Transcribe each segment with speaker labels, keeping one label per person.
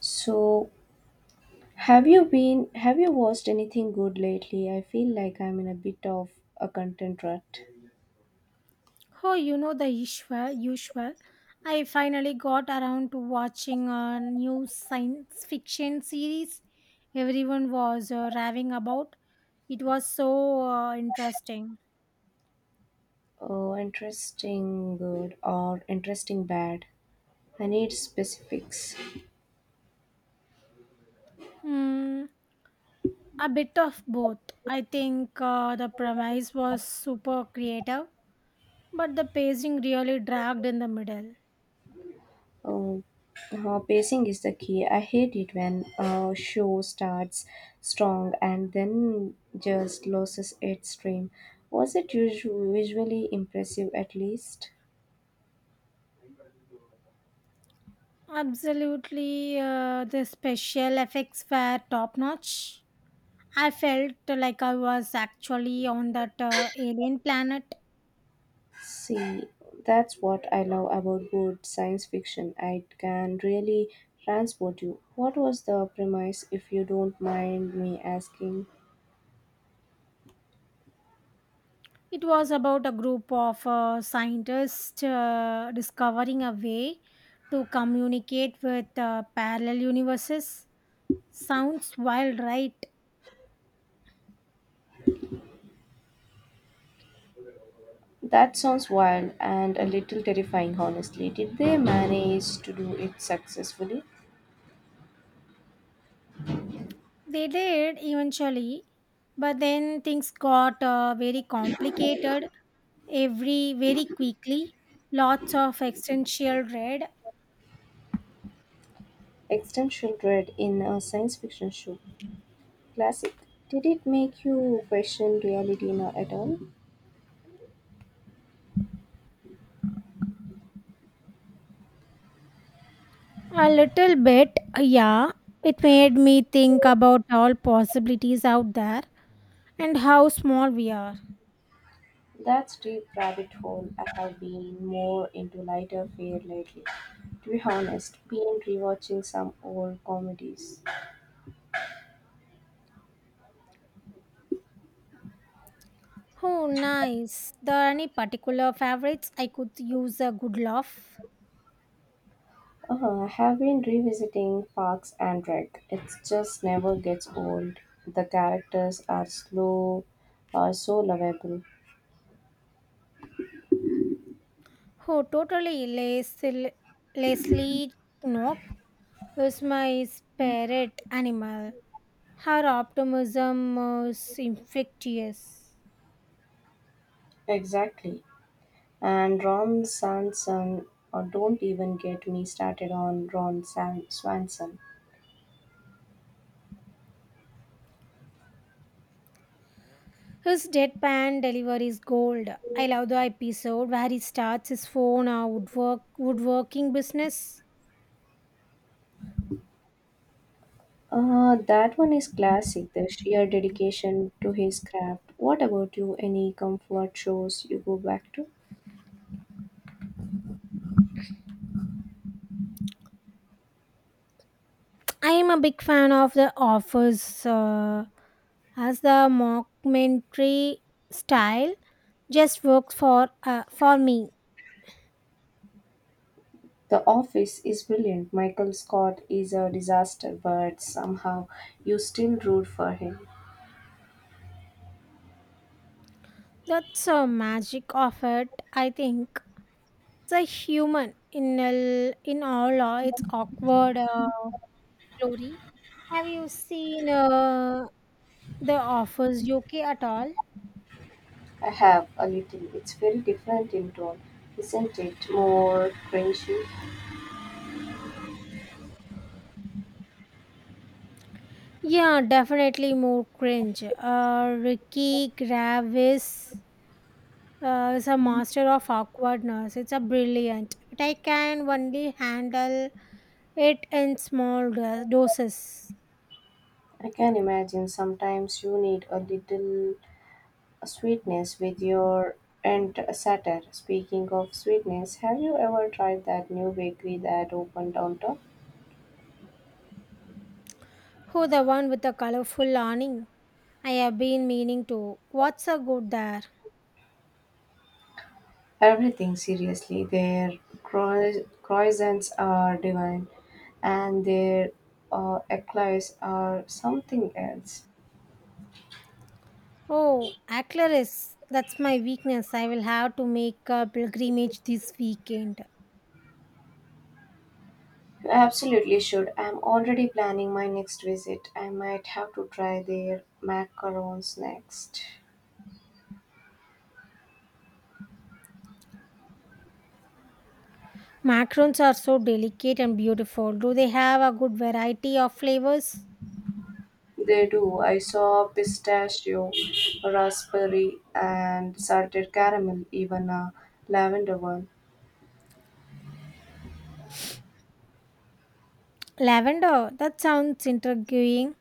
Speaker 1: So, have you watched anything good lately? I feel like I'm in a bit of a content rut.
Speaker 2: Oh, you know the usual, usual. I finally got around to watching a new science fiction series everyone was raving about. It was so interesting.
Speaker 1: Oh, interesting good or interesting bad? I need specifics.
Speaker 2: Hmm, a bit of both. I think the premise was super creative, but the pacing really dragged in the middle.
Speaker 1: Oh, pacing is the key. I hate it when a show starts strong and then just loses its stream. Was it visually impressive at least?
Speaker 2: Absolutely, the special effects were top notch. I felt like I was actually on that alien planet.
Speaker 1: See, that's what I love about good science fiction. It can really transport you. What was the premise, if you don't mind me asking?
Speaker 2: It was about a group of scientists discovering a way to communicate with parallel universes. Sounds wild, right?
Speaker 1: That sounds wild and a little terrifying, honestly. Did they manage to do it successfully?
Speaker 2: They did eventually, but then things got very complicated every very quickly. Lots of existential dread.
Speaker 1: Existential dread in a science fiction show. Classic. Did it make you question reality now at all?
Speaker 2: A little bit, yeah. It made me think about all possibilities out there and how small we are.
Speaker 1: That's deep rabbit hole. I have been more into lighter fare lately. To be honest, been rewatching some old comedies.
Speaker 2: Oh, nice. There are any particular favorites I could use a good laugh?
Speaker 1: I have been revisiting Parks and Rec. It just never gets old. The characters are so lovable.
Speaker 2: Oh, totally. Leslie Knope is my spirit animal. Her optimism is infectious.
Speaker 1: Exactly. And Ron Swanson, or don't even get me started on Swanson.
Speaker 2: His deadpan delivery is gold. I love the episode where he starts his phone or woodworking business.
Speaker 1: That one is classic, the sheer dedication to his craft. What about you? Any comfort shows you go back to?
Speaker 2: I am a big fan of The Office, as the mockumentary style just works for for me.
Speaker 1: The Office is brilliant. Michael Scott is a disaster, but somehow you still root for him.
Speaker 2: That's a magic of it. I think it's a human in all its awkward, glory. Have you seen The Office UK at all?
Speaker 1: I have a little. It's very different in tone, isn't it? More cringy.
Speaker 2: Yeah, definitely more cringe. Ricky Gravis is a master of awkwardness. It's a brilliant, but I can only handle it in small doses.
Speaker 1: I can imagine sometimes you need a little sweetness with your and satire. Speaking of sweetness, have you ever tried that new bakery that opened downtown?
Speaker 2: Who the one with the colorful awning? I have been meaning to. What's a good there?
Speaker 1: Everything, seriously, their croissants are divine, and their eclairs are something else.
Speaker 2: Oh, Aclaris. That's my weakness. I will have to make a pilgrimage this weekend.
Speaker 1: You absolutely should. I'm already planning my next visit. I might have to try their macarons next.
Speaker 2: Macarons are so delicate and beautiful. Do they have a good variety of flavors?
Speaker 1: They do. I saw pistachio, raspberry, and salted caramel, even a lavender one.
Speaker 2: Lavender, that sounds intriguing.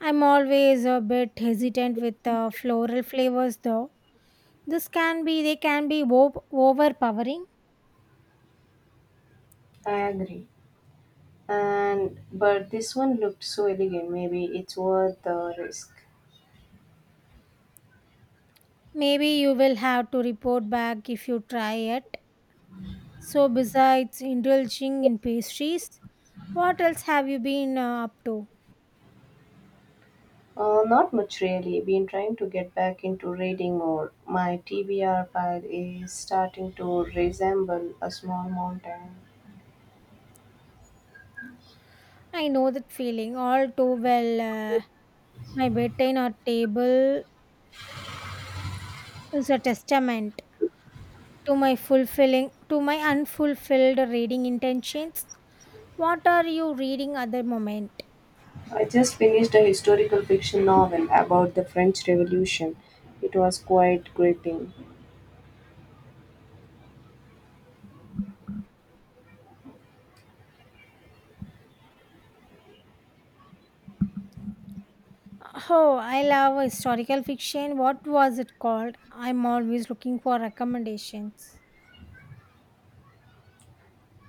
Speaker 2: I'm always a bit hesitant with floral flavors though. They can be overpowering.
Speaker 1: I agree. And but this one looked so elegant. Maybe it's worth the risk.
Speaker 2: Maybe you will have to report back if you try it. So, besides indulging in pastries, what else have you been up to?
Speaker 1: Not much really. Been trying to get back into reading more. My TBR pile is starting to resemble a small mountain.
Speaker 2: I know that feeling all too well. My bedtime or table is a testament to my unfulfilled reading intentions. What are you reading at the moment?
Speaker 1: I just finished a historical fiction novel about the French Revolution. It was quite gripping.
Speaker 2: Oh, I love historical fiction. What was it called? I'm always looking for recommendations.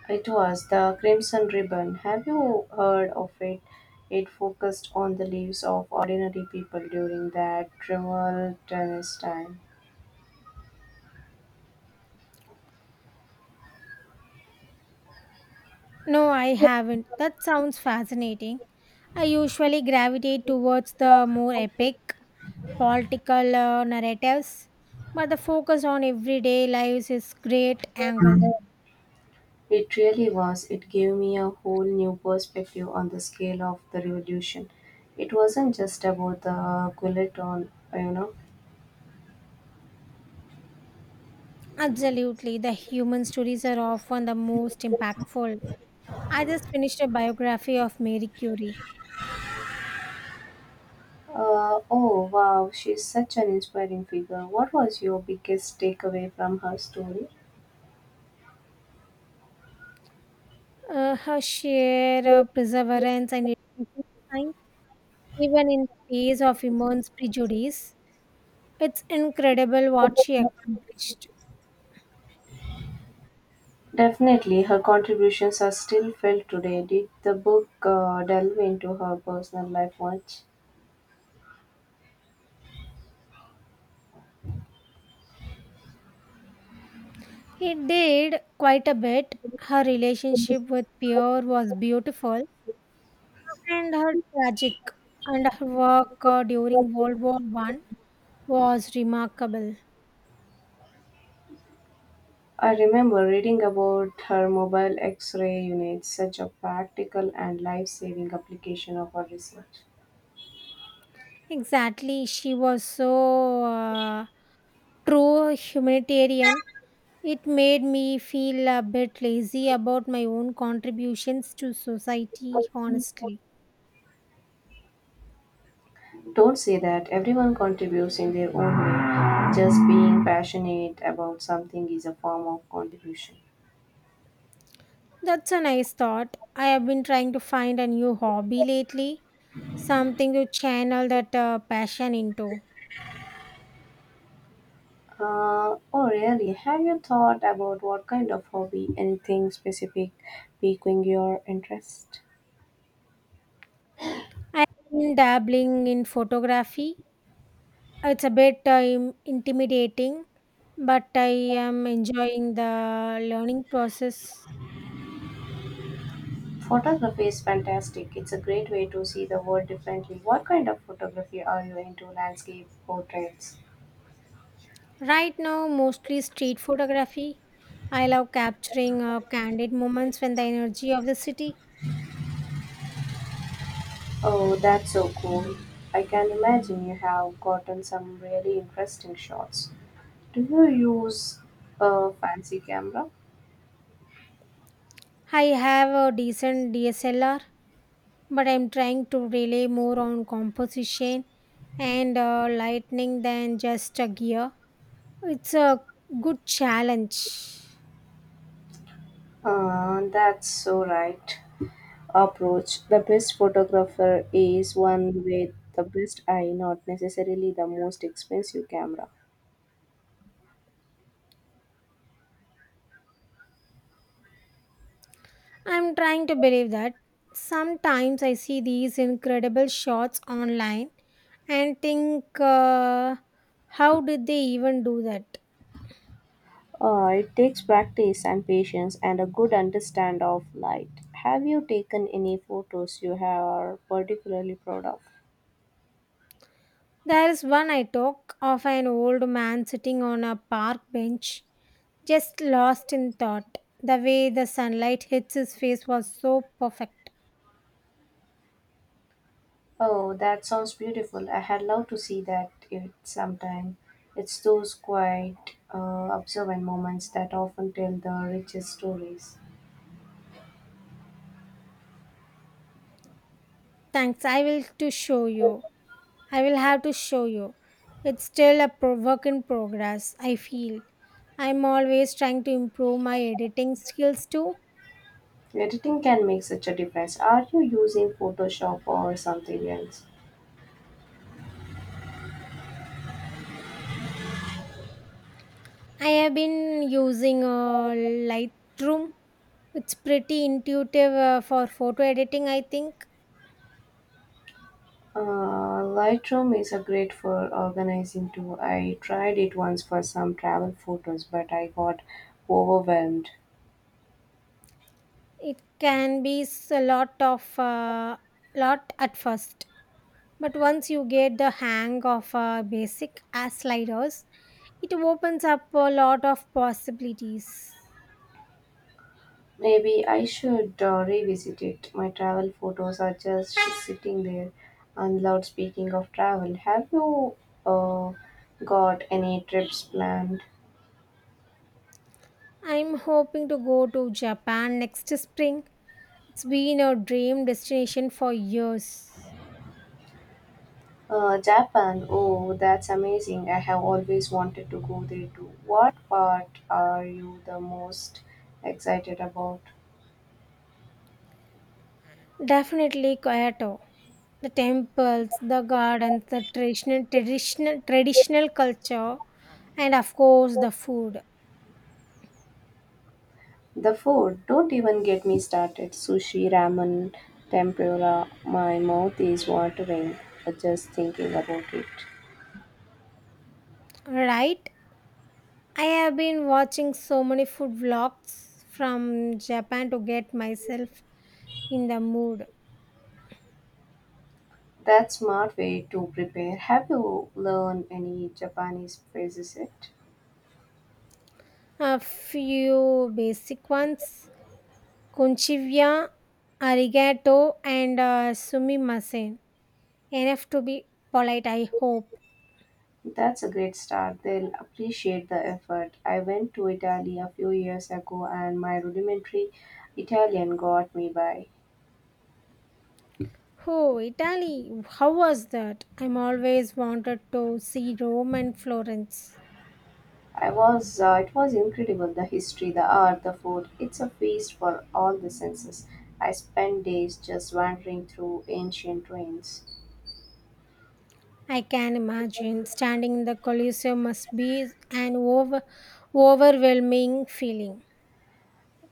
Speaker 1: It was the Crimson Ribbon. Have you heard of it? It focused on the lives of ordinary people during that tumultuous time.
Speaker 2: No, I haven't. That sounds fascinating. I usually gravitate towards the more epic political, narratives, but the focus on everyday lives is great angle.
Speaker 1: It really was. It gave me a whole new perspective on the scale of the revolution. It wasn't just about the guillotine, you know.
Speaker 2: Absolutely, the human stories are often the most impactful. I just finished a biography of Mary Curie.
Speaker 1: Oh wow, she's such an inspiring figure. What was your biggest takeaway from her story?
Speaker 2: Her sheer perseverance and dedication to science, even in the face of immense prejudice, it's incredible what she accomplished.
Speaker 1: Definitely, her contributions are still felt today. Did the book delve into her personal life much?
Speaker 2: He did quite a bit. Her relationship with Pierre was beautiful and her tragic, and her work during World War One was remarkable.
Speaker 1: I remember reading about her mobile X ray unit, such a practical and life saving application of her research.
Speaker 2: Exactly, she was so true humanitarian. It made me feel a bit lazy about my own contributions to society, honestly.
Speaker 1: Don't say that, everyone contributes in their own way. Just being passionate about something is a form of contribution.
Speaker 2: That's a nice thought. I have been trying to find a new hobby lately, something to channel that passion into.
Speaker 1: Oh, really? Have you thought about what kind of hobby, anything specific, piquing your interest?
Speaker 2: I have been dabbling in photography. It's a bit intimidating, but I am enjoying the learning process.
Speaker 1: Photography is fantastic. It's a great way to see the world differently. What kind of photography are you into? Landscape, portraits?
Speaker 2: Right now, mostly street photography. I love capturing candid moments when the energy of the city.
Speaker 1: Oh, that's so cool. I can imagine you have gotten some really interesting shots. Do you use a fancy camera?
Speaker 2: I have a decent DSLR, but I'm trying to rely more on composition and, lightning than just a gear. It's a good challenge.
Speaker 1: That's so right approach. The best photographer is one with the best eye, not necessarily the most expensive camera.
Speaker 2: I'm trying to believe that. Sometimes I see these incredible shots online and think, how did they even do that?
Speaker 1: It takes practice and patience and a good understand of light. Have you taken any photos you are particularly proud of?
Speaker 2: There is one I talk of an old man sitting on a park bench, just lost in thought. The way the sunlight hits his face was so perfect.
Speaker 1: Oh, that sounds beautiful. I had loved to see that it sometime. It's those quiet, observant moments that often tell the richest stories.
Speaker 2: Thanks, I will to show you. I will have to show you. It's still a work in progress, I feel. I'm always trying to improve my editing skills too.
Speaker 1: Editing can make such a difference. Are you using Photoshop or something else?
Speaker 2: I have been using Lightroom. It's pretty intuitive for photo editing, I think.
Speaker 1: Lightroom is a great for organizing too. I tried it once for some travel photos, but I got overwhelmed.
Speaker 2: It can be a lot of, lot at first, but once you get the hang of basic as sliders, it opens up a lot of possibilities.
Speaker 1: Maybe I should revisit it. My travel photos are just sitting there. And loud speaking of travel, have you uh, got any trips planned?
Speaker 2: I'm hoping to go to Japan next spring. It's been a dream destination for years.
Speaker 1: Japan. Oh, that's amazing. I have always wanted to go there too. What part are you the most excited about?
Speaker 2: Definitely Kyoto. The temples, the gardens, the traditional culture, and of course the food.
Speaker 1: The food, don't even get me started. Sushi, ramen, tempura, my mouth is watering just thinking about it.
Speaker 2: Right? I have been watching so many food vlogs from Japan to get myself in the mood.
Speaker 1: That's smart way to prepare. Have you learned any Japanese phrases yet?
Speaker 2: A few basic ones, Konchivya, Arigato, and Sumimasen. Enough to be polite, I hope.
Speaker 1: That's a great start. They'll appreciate the effort. I went to Italy a few years ago and my rudimentary Italian got me by.
Speaker 2: Oh, Italy, how was that? I'm always wanted to see Rome and Florence.
Speaker 1: I was it was incredible, the history, the art, the food. It's a feast for all the senses. I spent days just wandering through ancient ruins.
Speaker 2: I can imagine standing in the Colosseum must be an overwhelming feeling.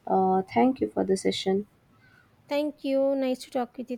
Speaker 1: Thank you for the session.
Speaker 2: Thank you. Nice to talk with you.